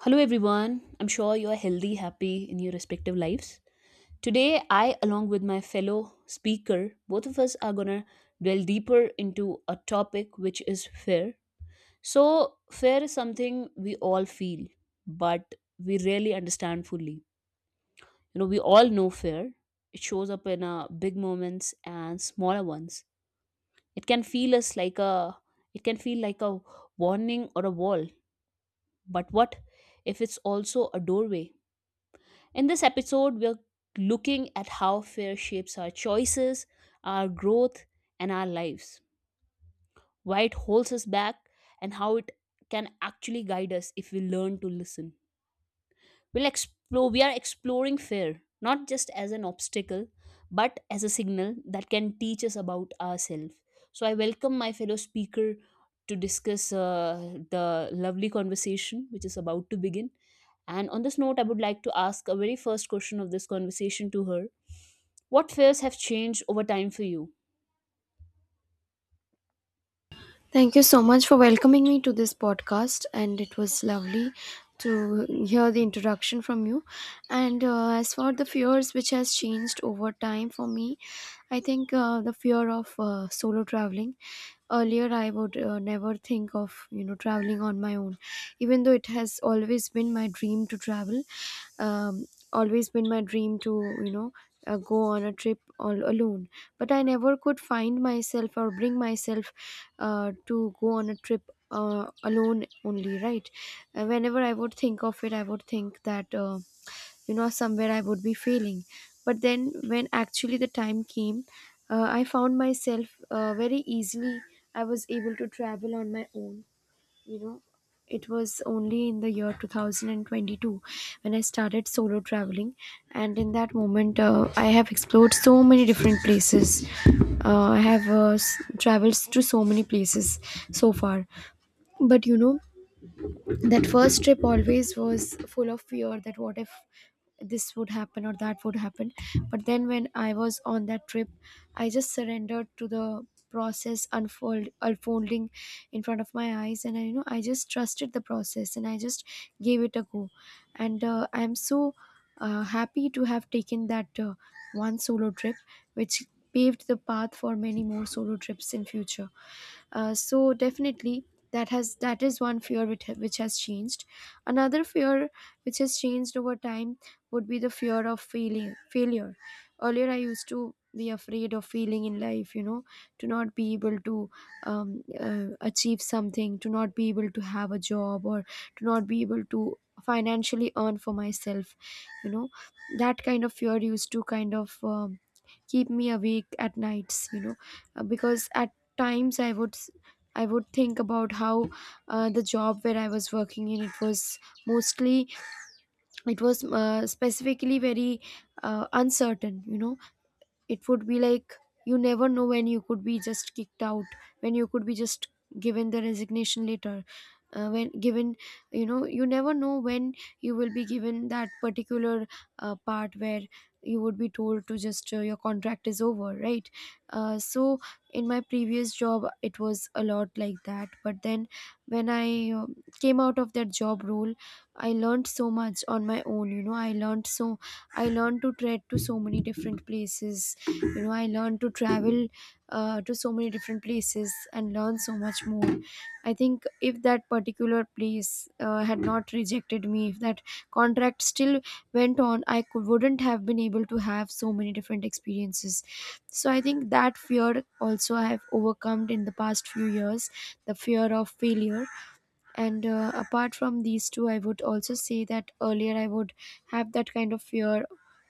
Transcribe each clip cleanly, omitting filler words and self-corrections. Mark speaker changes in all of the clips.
Speaker 1: Hello, everyone. I'm sure you are healthy, happy in your respective lives. Today, I, along with my fellow speaker, both of us are gonna delve deeper into a topic which is fear. So, fear is something we all feel, but we rarely understand fully. You know, we all know fear. It shows up in big moments and smaller ones. It can feel us like a, it can feel like a warning or a wall. But what if it's also a doorway? In this episode, we're looking at how fear shapes our choices, our growth, and our lives, why it holds us back, and how it can actually guide us if we learn to listen. We are exploring fear not just as an obstacle but as a signal that can teach us about ourselves. So I welcome my fellow speaker to discuss the lovely conversation which is about to begin. And on this note, I would like to ask a very first question of this conversation to her. What fears have changed over time for you?
Speaker 2: Thank you so much for welcoming me to this podcast, and it was lovely to hear the introduction from you. And as for the fears which has changed over time for me, I think the fear of solo traveling. Earlier, I would never think of traveling on my own, even though it has always been my dream to travel. um, always been my dream to you know go on a trip all alone but I never could find myself or bring myself to go on a trip alone only, right? Whenever I would think of it, I would think that, somewhere I would be failing. But then when actually the time came, I found myself very easily. I was able to travel on my own. you know it was only in the year 2022 when I started solo traveling, and in that moment I have explored so many different places. uh, i have uh, s- traveled to so many places so far. But you know, that first trip always was full of fear that what if this would happen or that would happen. But then when I was on that trip, I just surrendered to the process unfolding in front of my eyes, and I, you know, I just trusted the process and I just gave it a go. And I'm so happy to have taken that one solo trip which paved the path for many more solo trips in future. So definitely that is one fear which has changed. Another fear which has changed over time would be the fear of failing failure. Earlier, I used to be afraid of failing in life. You know, to not be able to achieve something, to not be able to have a job, or to not be able to financially earn for myself. You know, that kind of fear used to kind of keep me awake at nights, you know. Because at times I would think about how the job where I was working in, it was mostly, it was specifically very uncertain, you know. It would be like, you never know when you could be just kicked out, when you could be just given the resignation letter, when given you know, you never know when you will be given that particular part where you would be told to just your contract is over, right? So in my previous job it was a lot like that, but then when I um came out of that job role, I learned so much on my own. You know, I learned to tread to so many different places, you know. I learned to travel to so many different places and learn so much more. I think if that particular place had not rejected me, if that contract still went on, wouldn't have been able to have so many different experiences. So I think that fear also I have overcome in the past few years, the fear of failure. And apart from these two, I would also say that earlier I would have that kind of fear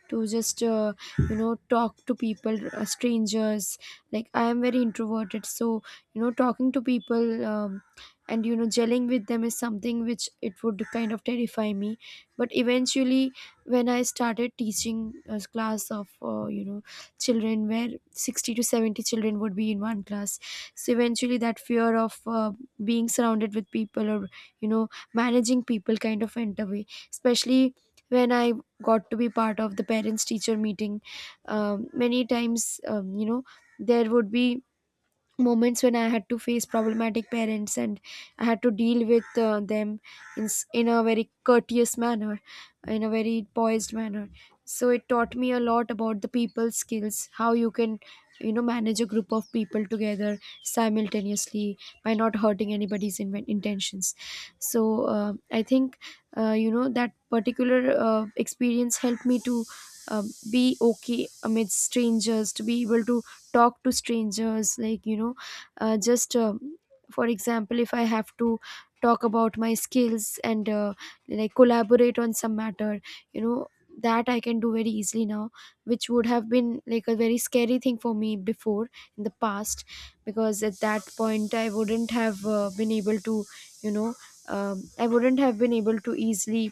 Speaker 2: to just talk to people, strangers. Like, I am very introverted, so you know, talking to people and you know, gelling with them is something which it would kind of terrify me. But eventually when I started teaching a class of children where 60 to 70 children would be in one class, so eventually that fear of being surrounded with people or you know, managing people kind of went away. Especially when I got to be part of the parents teacher meeting, many times, there would be moments when I had to face problematic parents, and I had to deal with them in a very courteous manner, in a very poised manner. So it taught me a lot about the people skills, how you can, you know, manage a group of people together simultaneously by not hurting intentions. So I think, that particular experience helped me to. Uh, be okay amidst strangers, to be able to talk to strangers. Like you know, just for example, if I have to talk about my skills and like collaborate on some matter, you know, that I can do very easily now, which would have been like a very scary thing for me before in the past. Because at that point I wouldn't have been able to, you know, I wouldn't have been able to easily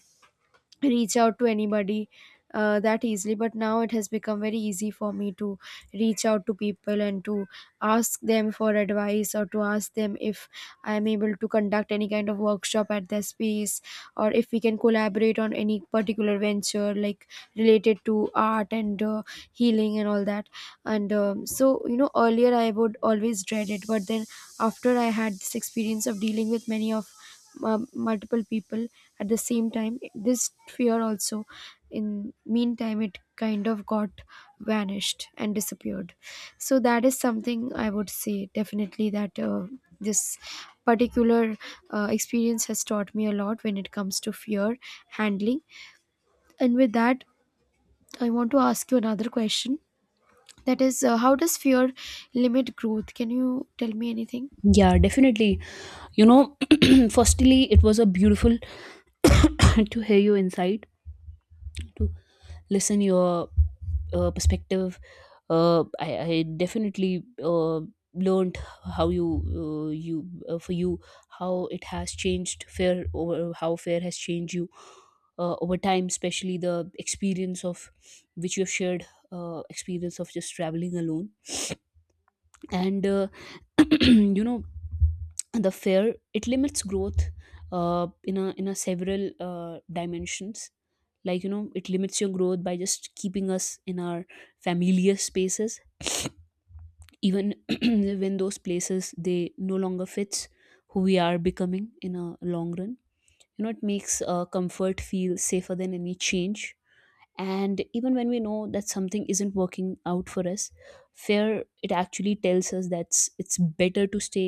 Speaker 2: reach out to anybody that easily. But now it has become very easy for me to reach out to people and to ask them for advice, or to ask them if I am able to conduct any kind of workshop at their space, or if we can collaborate on any particular venture like related to art and healing and all that. And so you know, earlier I would always dread it, but then after I had this experience of dealing with many of multiple people at the same time, this fear also in meantime it kind of got vanished and disappeared. So that is something I would say, definitely, that this particular experience has taught me a lot when it comes to fear handling. And with that, I want to ask you another question. That is, how does fear limit growth? Can you tell me anything?
Speaker 1: Yeah, definitely. You know, firstly, it was a beautiful to hear your insight, to listen your perspective. I definitely learned how you you for you how it has changed fair over how fair has changed you over time, especially the experience of which you have shared, experience of just traveling alone. And you know, the fair it limits growth in a several dimensions. Like, you know, it limits your growth by just keeping us in our familiar spaces, even when those places they no longer fits who we are becoming in a long run. You know, it makes comfort feel safer than any change, and even when we know that something isn't working out for us, fear it actually tells us that it's better to stay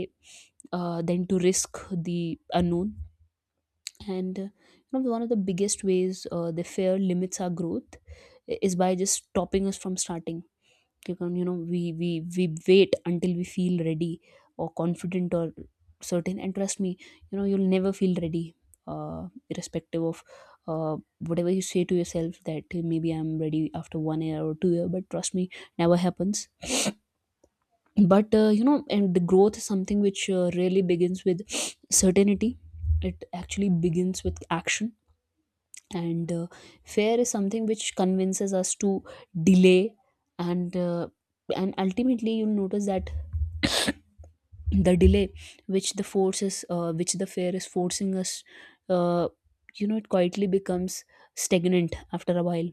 Speaker 1: than to risk the unknown. And you know, one of the biggest ways the fear limits our growth is by just stopping us from starting. You know, we we wait until we feel ready or confident or certain, and trust me, you know, you'll never feel ready, irrespective of whatever you say to yourself that, "Hey, maybe I'm ready after 1 year or 2 year," but trust me, never happens. But you know, and the growth is something which really begins with certainty. It actually begins with action. And fear is something which convinces us to delay. And uh, and ultimately, you'll notice that the delay which the force is which the fear is forcing us, uh, you know, it quietly becomes stagnant after a while.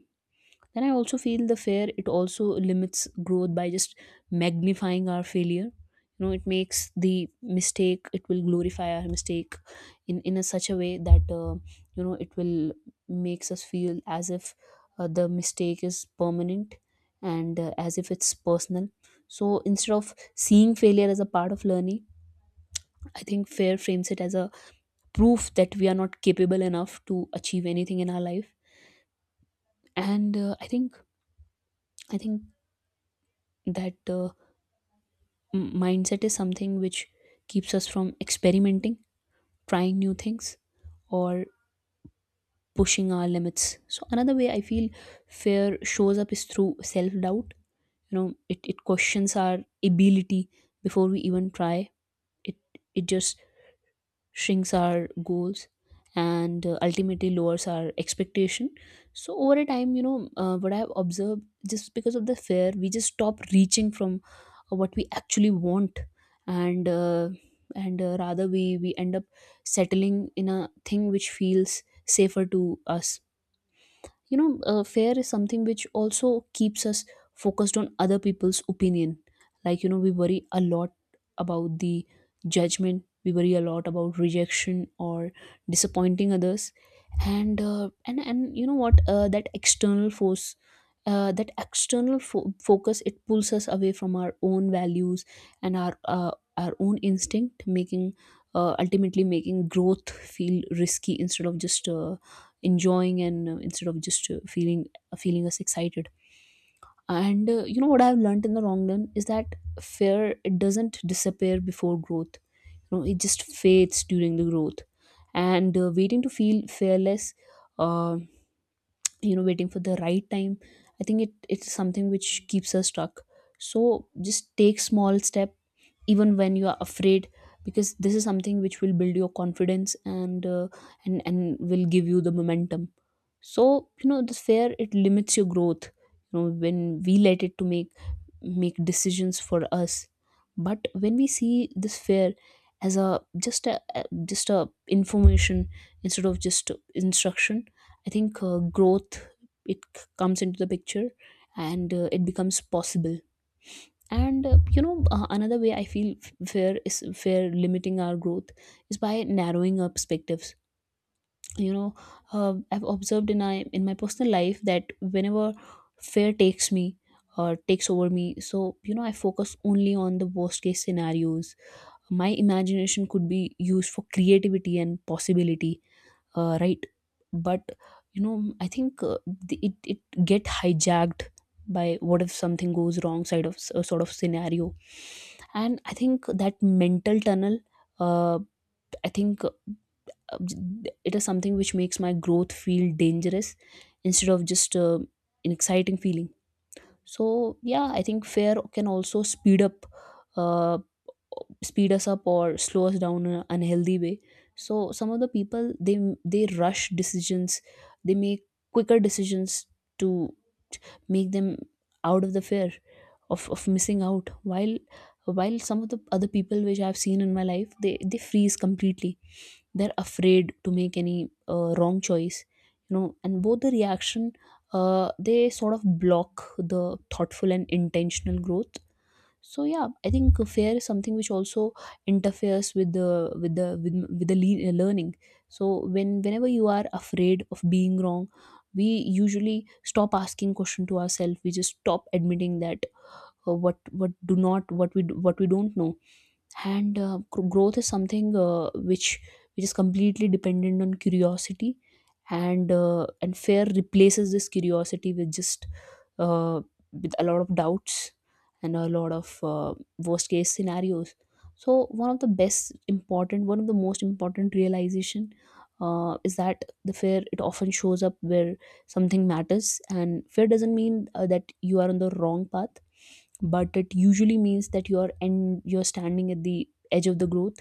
Speaker 1: Then I also feel the fear it also limits growth by just magnifying our failure. You know, it will glorify our mistake in a such a way that, you know, it will makes us feel as if the mistake is permanent, and as if it's personal. So instead of seeing failure as a part of learning, I think fear frames it as a proof that we are not capable enough to achieve anything in our life. And I think that mindset is something which keeps us from experimenting, trying new things, or pushing our limits. So, another way I feel fear shows up is through self doubt. You know, it questions our ability before we even try. It, it just shrinks our goals and ultimately lowers our expectation. So over a time, you know, what I have observed, just because of the fear we just stop reaching from what we actually want. And uh, and Rather, we end up settling in a thing which feels safer to us. You know, fear is something which also keeps us focused on other people's opinion. Like, you know, we worry a lot about the judgment, we worry a lot about rejection or disappointing others. And you know what, that external focus, it pulls us away from our own values and our own instinct making, ultimately making growth feel risky, instead of just enjoying, and instead of just feeling feeling us excited. And you know what I've learned in the long run is that fear it doesn't disappear before growth. You know, it just fades during the growth. And waiting to feel fearless, uh, you know, waiting for the right time, I think it's something which keeps us stuck. So just take small step even when you are afraid, because this is something which will build your confidence, and and will give you the momentum. So you know, this fear it limits your growth, you know, when we let it to make decisions for us. But when we see this fear as just a a- just a information instead of just instruction, I think growth, comes into the picture, and it becomes possible. And you know, another way I feel fair is fair limiting our growth is by narrowing our perspectives. You know, I've observed in my personal life that whenever fear takes me or takes over me, so you know, I focus only on the worst case scenarios. My imagination could be used for creativity and possibility, right? But you know, I think, it it get hijacked by what if something goes wrong side of sort of scenario. And I think that mental tunnel, uh, I think it is something which makes my growth feel dangerous instead of just an exciting feeling. So yeah, I think fear can also speed up, uh, speed us up or slow us down in an unhealthy way. So some of the people, they rush decisions, they make quicker decisions to make them out of the fear of missing out, while some of the other people which I've seen in my life, they freeze completely. They're afraid to make any wrong choice. You know, and both the reaction, they sort of block the thoughtful and intentional growth. So yeah, I think fear is something which also interferes with with the learning. So when whenever you are afraid of being wrong, we usually stop asking question to ourselves. We just stop admitting that what do not what we do- what we don't know. And growth is something, which is completely dependent on curiosity. And fear replaces this curiosity with just, uh, with a lot of doubts and a lot of worst case scenarios. So one of the most important realization is that the fear it often shows up where something matters, and fear doesn't mean that you are on the wrong path, but it usually means that you're standing at the edge of the growth.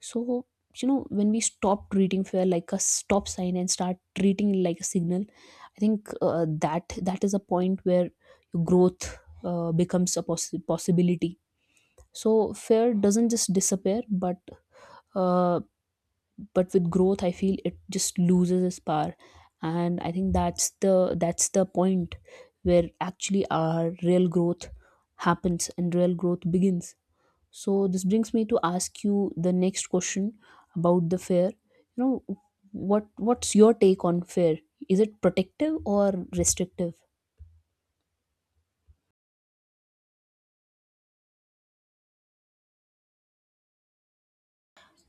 Speaker 1: So you know, when we stop treating fear like a stop sign and start treating it like a signal, I think that that is a point where your growth becomes a possibility. So fear doesn't just disappear, uh, but with growth I feel it just loses its power. And I think that's the point where actually our real growth happens and real growth begins. So this brings me to ask you the next question about the fair. You know, what what's your take on fair? Is it protective or restrictive?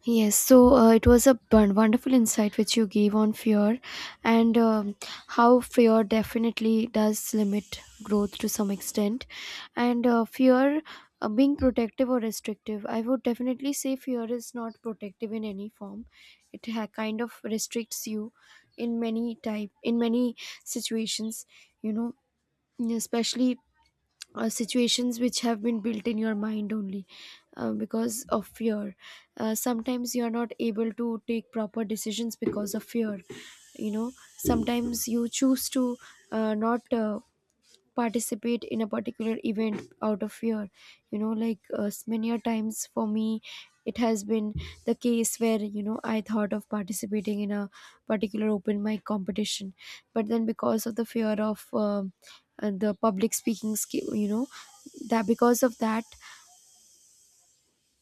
Speaker 2: Yes, so it was a wonderful insight which you gave on fear, and how fear definitely does limit growth to some extent. And fear being protective or restrictive, I would definitely say fear is not protective in any form. Kind of restricts you in many situations, you know, especially situations which have been built in your mind only because of fear. Sometimes you are not able to take proper decisions because of fear, you know. Sometimes you choose to not participate in a particular event out of fear. You know, like many a times for me it has been the case where you know, I thought of participating in a particular open mic competition, but then because of the fear of the public speaking skill, you know, that because of that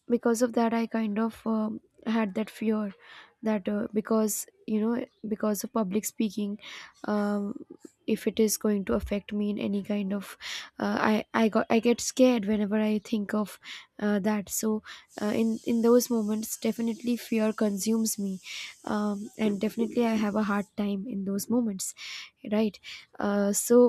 Speaker 2: because of that I kind of had that fear that because you know, because of public speaking, um, if it is going to affect me in any kind of I got I get scared whenever I think of that. So in those moments, definitely, fear consumes me, and definitely I have a hard time in those moments, right? So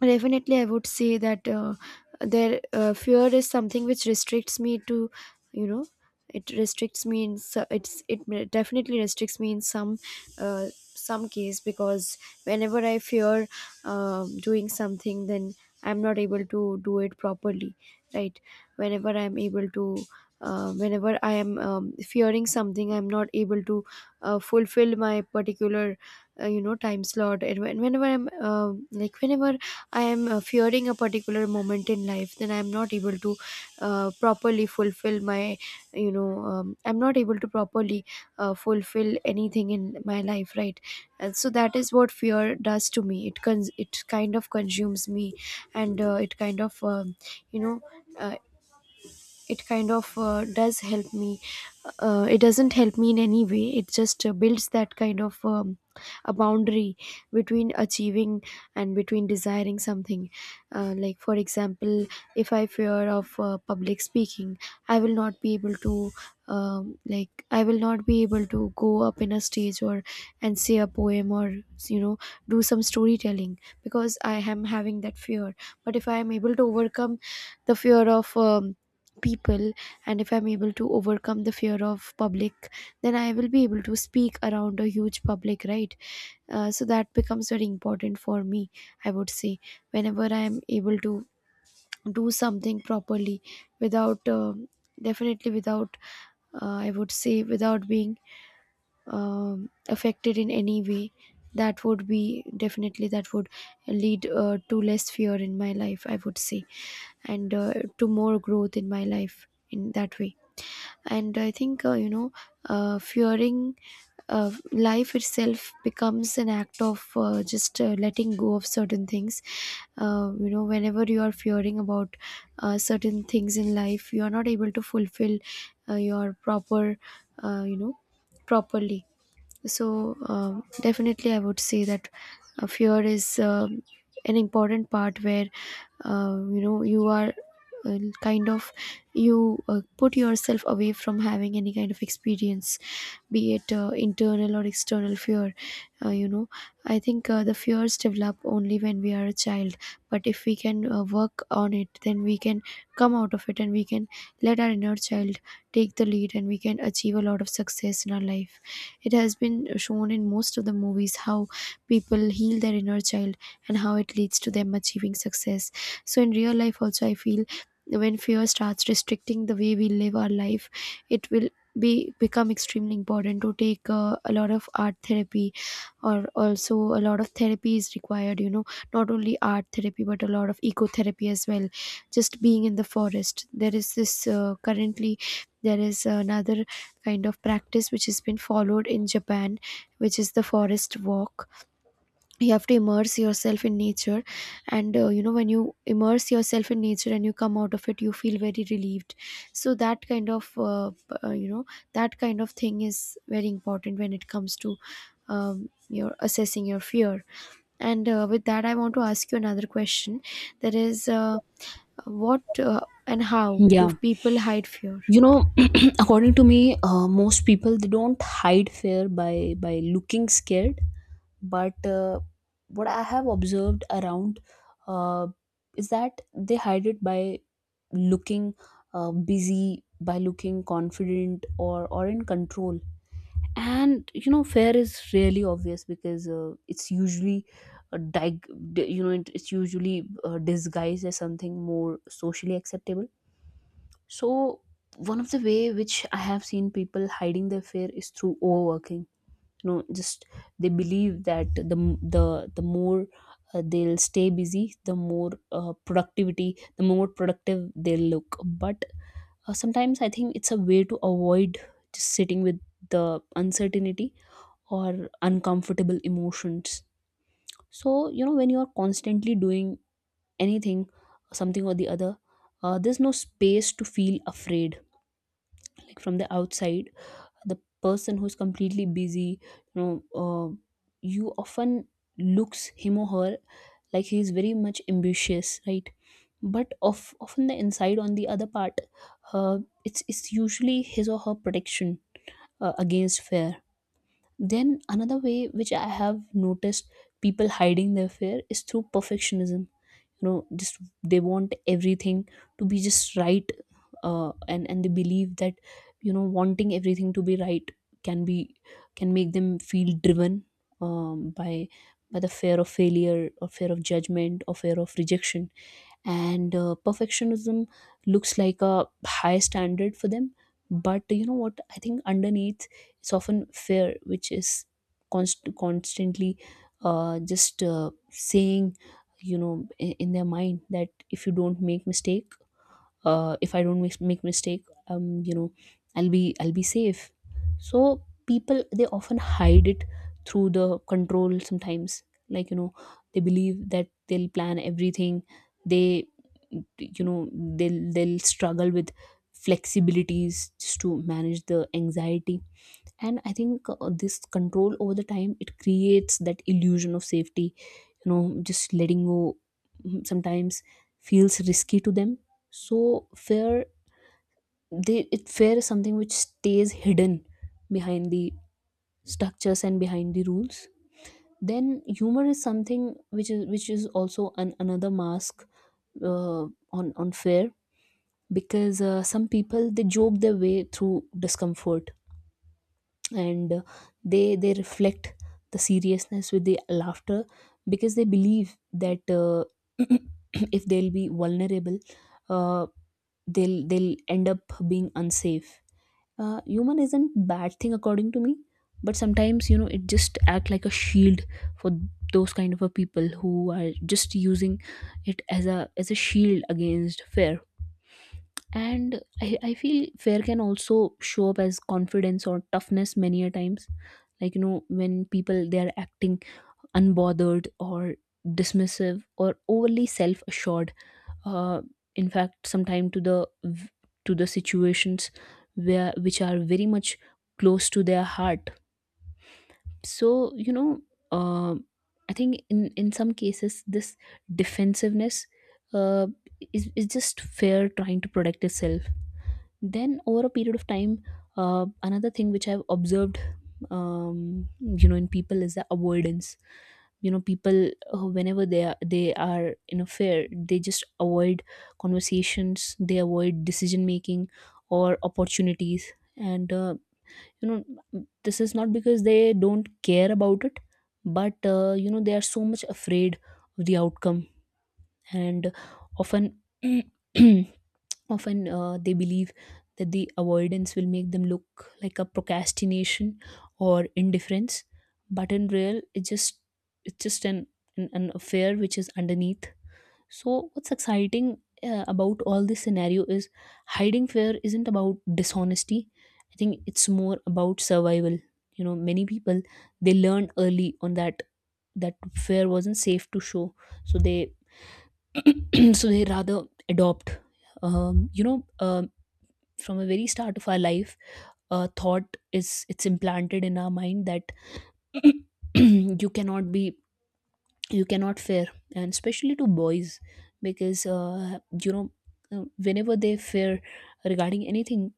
Speaker 2: definitely, I would say that there fear is something which restricts me to, you know, definitely restricts me in some case. Because whenever I fear doing something, then I'm not able to do it properly, right? Whenever I'm able to. Whenever I am fearing something, I'm not able to fulfill my particular, time slot. And whenever whenever I am fearing a particular moment in life, then I am not able to properly fulfill my, I'm not able to properly fulfill anything in my life, right? And so that is what fear does to me. It kind of consumes me, and it kind of, you know, uh, it kind of doesn't help me in any way. It just builds that kind of a boundary between achieving and between desiring something. Uh, like for example, if I fear of public speaking, I will not be able to like, I will not be able to go up in a stage or and say a poem or you know do some storytelling, because I am having that fear. But if I am able to overcome the fear of people, and if I'm able to overcome the fear of public, then I will be able to speak around a huge public, right? So that becomes very important for me, I would say. Whenever I am able to do something properly without definitely without, I would say without being affected in any way, that would be definitely, that would lead to less fear in my life, I would say, and to more growth in my life in that way. And I think fearing life itself becomes an act of just letting go of certain things. Whenever you are fearing about certain things in life, you are not able to fulfill your uh, you know properly. So definitely I would say that fear is an important part where you are kind of, you put yourself away from having any kind of experience, be it internal or external fear. uh, you know I think the fears develop only when we are a child, but if we can work on it, then we can come out of it, and we can let our inner child take the lead, and we can achieve a lot of success in our life. It has been shown in most of the movies how people heal their inner child and how it leads to them achieving success. So in real life also, I feel when fear starts restricting the way we live our life, it will be become extremely important to take a lot of art therapy, or also a lot of therapy is required, you know, not only art therapy, but a lot of ecotherapy as well. Just being in the forest, there is this currently there is another kind of practice which has been followed in Japan, which is the forest walk. You have to immerse yourself in nature, and when you immerse yourself in nature and you come out of it, you feel very relieved. So, that kind of, that kind of thing is very important when it comes to your assessing your fear. And with that, I want to ask you another question. That is, what and how do
Speaker 1: Yeah.
Speaker 2: people hide fear?
Speaker 1: You know, according to me, most people they don't hide fear by looking scared, but what I have observed around, uh, is that they hide it by looking busy, by looking confident or in control. And you know, fear is really obvious because, uh, dig- you know, it's usually disguised as something more socially acceptable. So one of the way which I have seen people hiding their fear is through overworking. You know, just they believe that the more they'll stay busy, the more productive they'll look. But sometimes I think it's a way to avoid just sitting with the uncertainty or uncomfortable emotions. So you know, when you are constantly doing anything, something or the other, there's no space to feel afraid. Like from the outside, the person who's completely busy, you know, uh, you often looks him or her like he's very much ambitious, right? But of often the inside on the other part, uh, it's usually his or her protection against fear. Then another way which I have noticed people hiding their fear is through perfectionism. You know, just they want everything to be just right, and they believe that, you know, wanting everything to be right can be, can make them feel driven um, by by the fear of failure or fear of judgment or fear of rejection. And perfectionism looks like a high standard for them, but you know what, I think underneath it's often fear which is constantly just saying, you know, in their mind that if you don't make mistake, if I don't make mistake, you know, I'll be safe. So people, they often hide it through the control sometimes. Like, you know, they believe that they'll plan everything, they, you know, they'll struggle with flexibilities just to manage the anxiety. And I think this control over the time, it creates that illusion of safety. You know, just letting go, sometimes feels risky to them. So fear, they it fear is something which stays hidden behind the structures and behind the rules. Then humor is something which is also an, another mask uh, on fear, because some people, they joke their way through discomfort. And they reflect the seriousness with the laughter, because they believe that, if they'll be vulnerable, uh, they'll end up being unsafe. Humor isn't bad thing according to me, but sometimes, you know, it just act like a shield for those kind of a people who are just using it as a, as a shield against fair. And I feel fear can also show up as confidence or toughness many a times. Like, you know, when people, they are acting unbothered or dismissive or overly self-assured. uh, in fact, sometimes to the to the situations where, which are very much close to their heart. So, you know, uh, I think in some cases this defensiveness, uh, is just fear trying to protect itself. Then over a period of time, another thing which I've observed, you know, in people is the avoidance. You know, people, whenever they are in a fair, they just avoid conversations, they avoid decision making or opportunities. And you know, this is not because they don't care about it, but you know, they are so much afraid of the outcome. And often often they believe that the avoidance will make them look like a procrastination or indifference, but in real, it's just an affair which is underneath. So what's exciting about all this scenario is hiding fear isn't about dishonesty. I think it's more about survival. You know, many people, they learned early on that that fear wasn't safe to show, so they so they rather adopt. um, you know um, from the very start of our life, a thought is, it's implanted in our mind that you cannot be, you cannot fear. And especially to boys, because you know, whenever they fear regarding anything.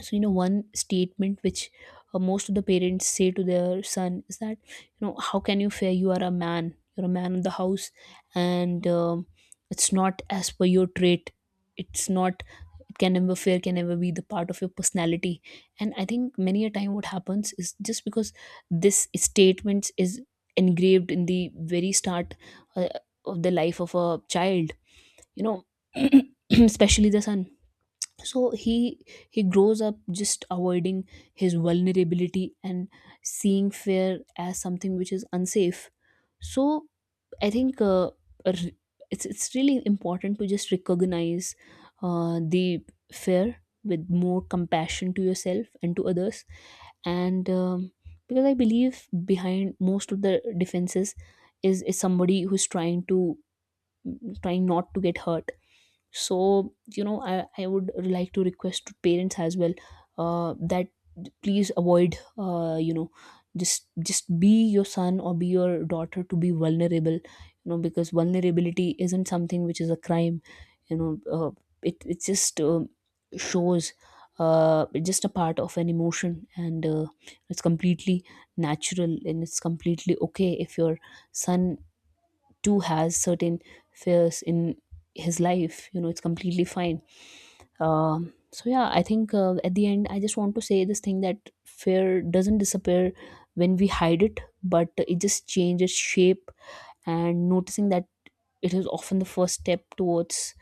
Speaker 1: So you know, one statement which most of the parents say to their son is that, you know, how can you fear? You are a man, you're a man of the house. And it's not as per your trait, it's not, can never fear, can never be the part of your personality. And I think many a time what happens is just because this statement is engraved in the very start uh, of the life of a child, you know, especially the son. So he grows up just avoiding his vulnerability and seeing fear as something which is unsafe. So I think, r- it's really important to just recognize the fear with more compassion to yourself and to others. And because I believe behind most of the defenses is somebody who's trying to, trying not to get hurt. So you know, I would like to request to parents as well that please avoid, you know, just be your son or be your daughter to be vulnerable, you know, because vulnerability isn't something which is a crime. You know, it just shows, it's just a part of an emotion. And it's completely natural and it's completely okay if your son too has certain fears in his life. You know, it's completely fine. So yeah, I think at the end, I just want to say this thing, that fear doesn't disappear when we hide it, but it just changes shape. And noticing that it is often the first step towards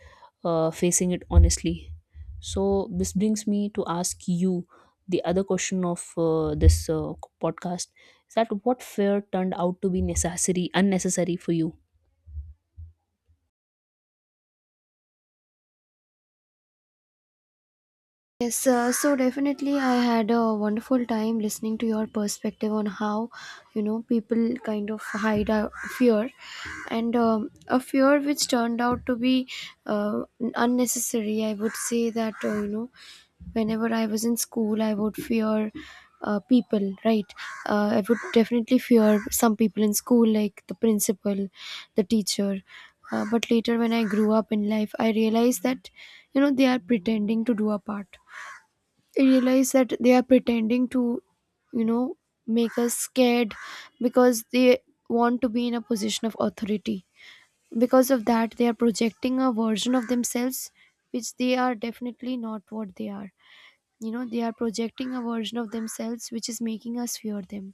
Speaker 1: facing it honestly. So this brings me to ask you the other question of this podcast, is that what fear turned out to be necessary, unnecessary for you?
Speaker 2: Yes, so definitely, I had a wonderful time listening to your perspective on how, you know, people kind of hide a fear, and a fear which turned out to be uh, unnecessary. I would say that you know, whenever I was in school, I would fear people, right? I would definitely fear some people in school, like the principal, the teacher. But later, when I grew up in life, I realized that, you know, they are pretending to do a part. I realize that they are pretending to, you know, make us scared, because they want to be in a position of authority. Because of that, they are projecting a version of themselves which they are definitely not what they are. You know, they are projecting a version of themselves which is making us fear them,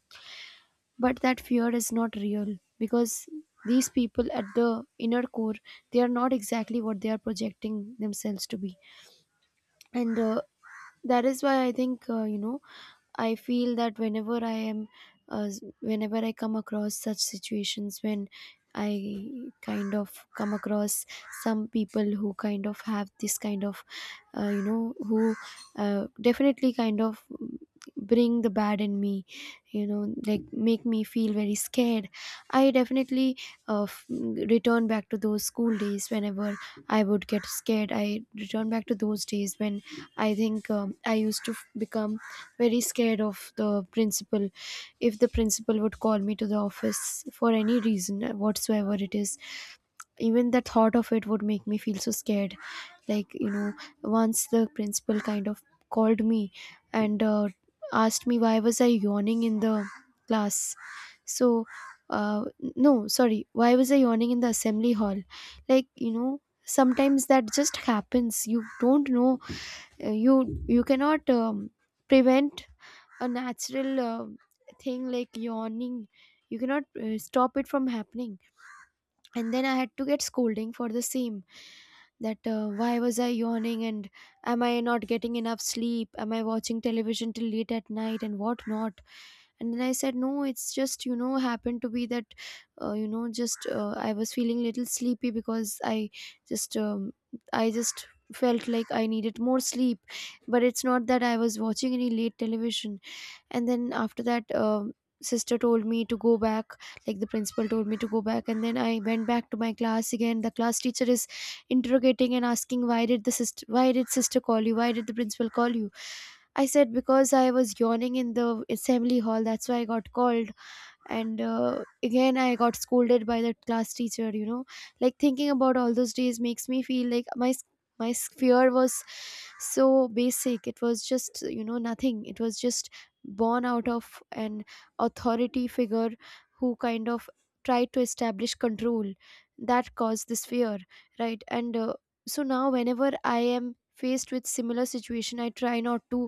Speaker 2: but that fear is not real because these people at the inner core, they are not exactly what they are projecting themselves to be. And that is why I think, I feel that whenever I am whenever I come across such situations when I kind of come across some people who kind of have this kind of you know who definitely kind of bring the bad in me, you know, like make me feel very scared, I definitely uh, f- return back to those school days. Whenever I would get scared, I return back to those days when I think I used to become very scared of the principal. If the principal would call me to the office for any reason whatsoever it is, even the thought of it would make me feel so scared. Like, you know, once the principal kind of called me and asked me why was I yawning in the class. So, uh, no, sorry, why was I yawning in the assembly hall? Like, you know, sometimes that just happens. You don't know. You cannot prevent a natural thing like yawning. You cannot stop it from happening. And then I had to get scolding for the same, that why was I yawning, and am I not getting enough sleep, am I watching television till late at night, and what not. And then I said, no, it's just, you know, happened to be that you know just I was feeling little sleepy, because I just i just felt like I needed more sleep, but it's not that I was watching any late television. And then after that, sister told me to go back, like the principal told me to go back, and then I went back to my class. Again, the class teacher is interrogating and asking, why did sister call you, why did the principal call you? I said, because I was yawning in the assembly hall, that's why I got called. And again, I got scolded by that class teacher, you know. Like, thinking about all those days makes me feel like my fear was so basic. It was just, you know, nothing. It was just born out of an authority figure who kind of tried to establish control, that caused this fear, right? And so now, whenever I am faced with similar situation, I try not to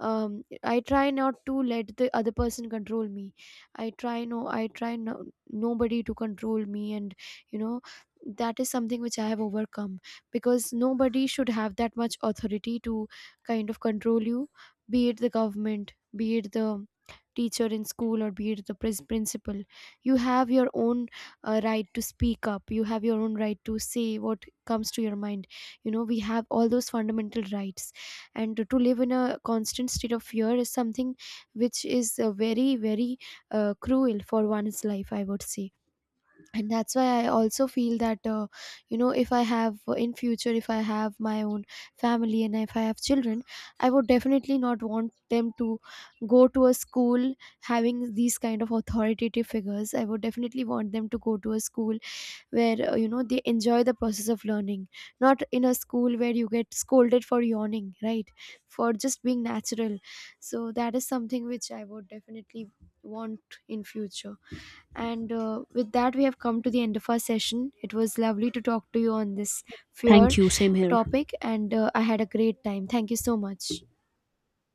Speaker 2: I try not to let the other person control me. I try no, nobody to control me. And you know, that is something which I have overcome, because nobody should have that much authority to kind of control you, be it the government, be it the teacher in school, or be it the principal. You have your own right to speak up, you have your own right to say what comes to your mind. You know, we have all those fundamental rights, and to live in a constant state of fear is something which is very very cruel for one's life, I would say. And that's why I also feel that, if I have, in future, if I have my own family and if I have children, I would definitely not want them to go to a school having these kind of authoritative figures. I would definitely want them to go to a school where, they enjoy the process of learning, not in a school where you get scolded for yawning, right, for just being natural. So that is something which I would definitely want in future. And with that, we have come to the end of our session. It was lovely to talk to you on this fear
Speaker 1: Thank you. Same here.
Speaker 2: topic, and I had a great time. Thank you so much.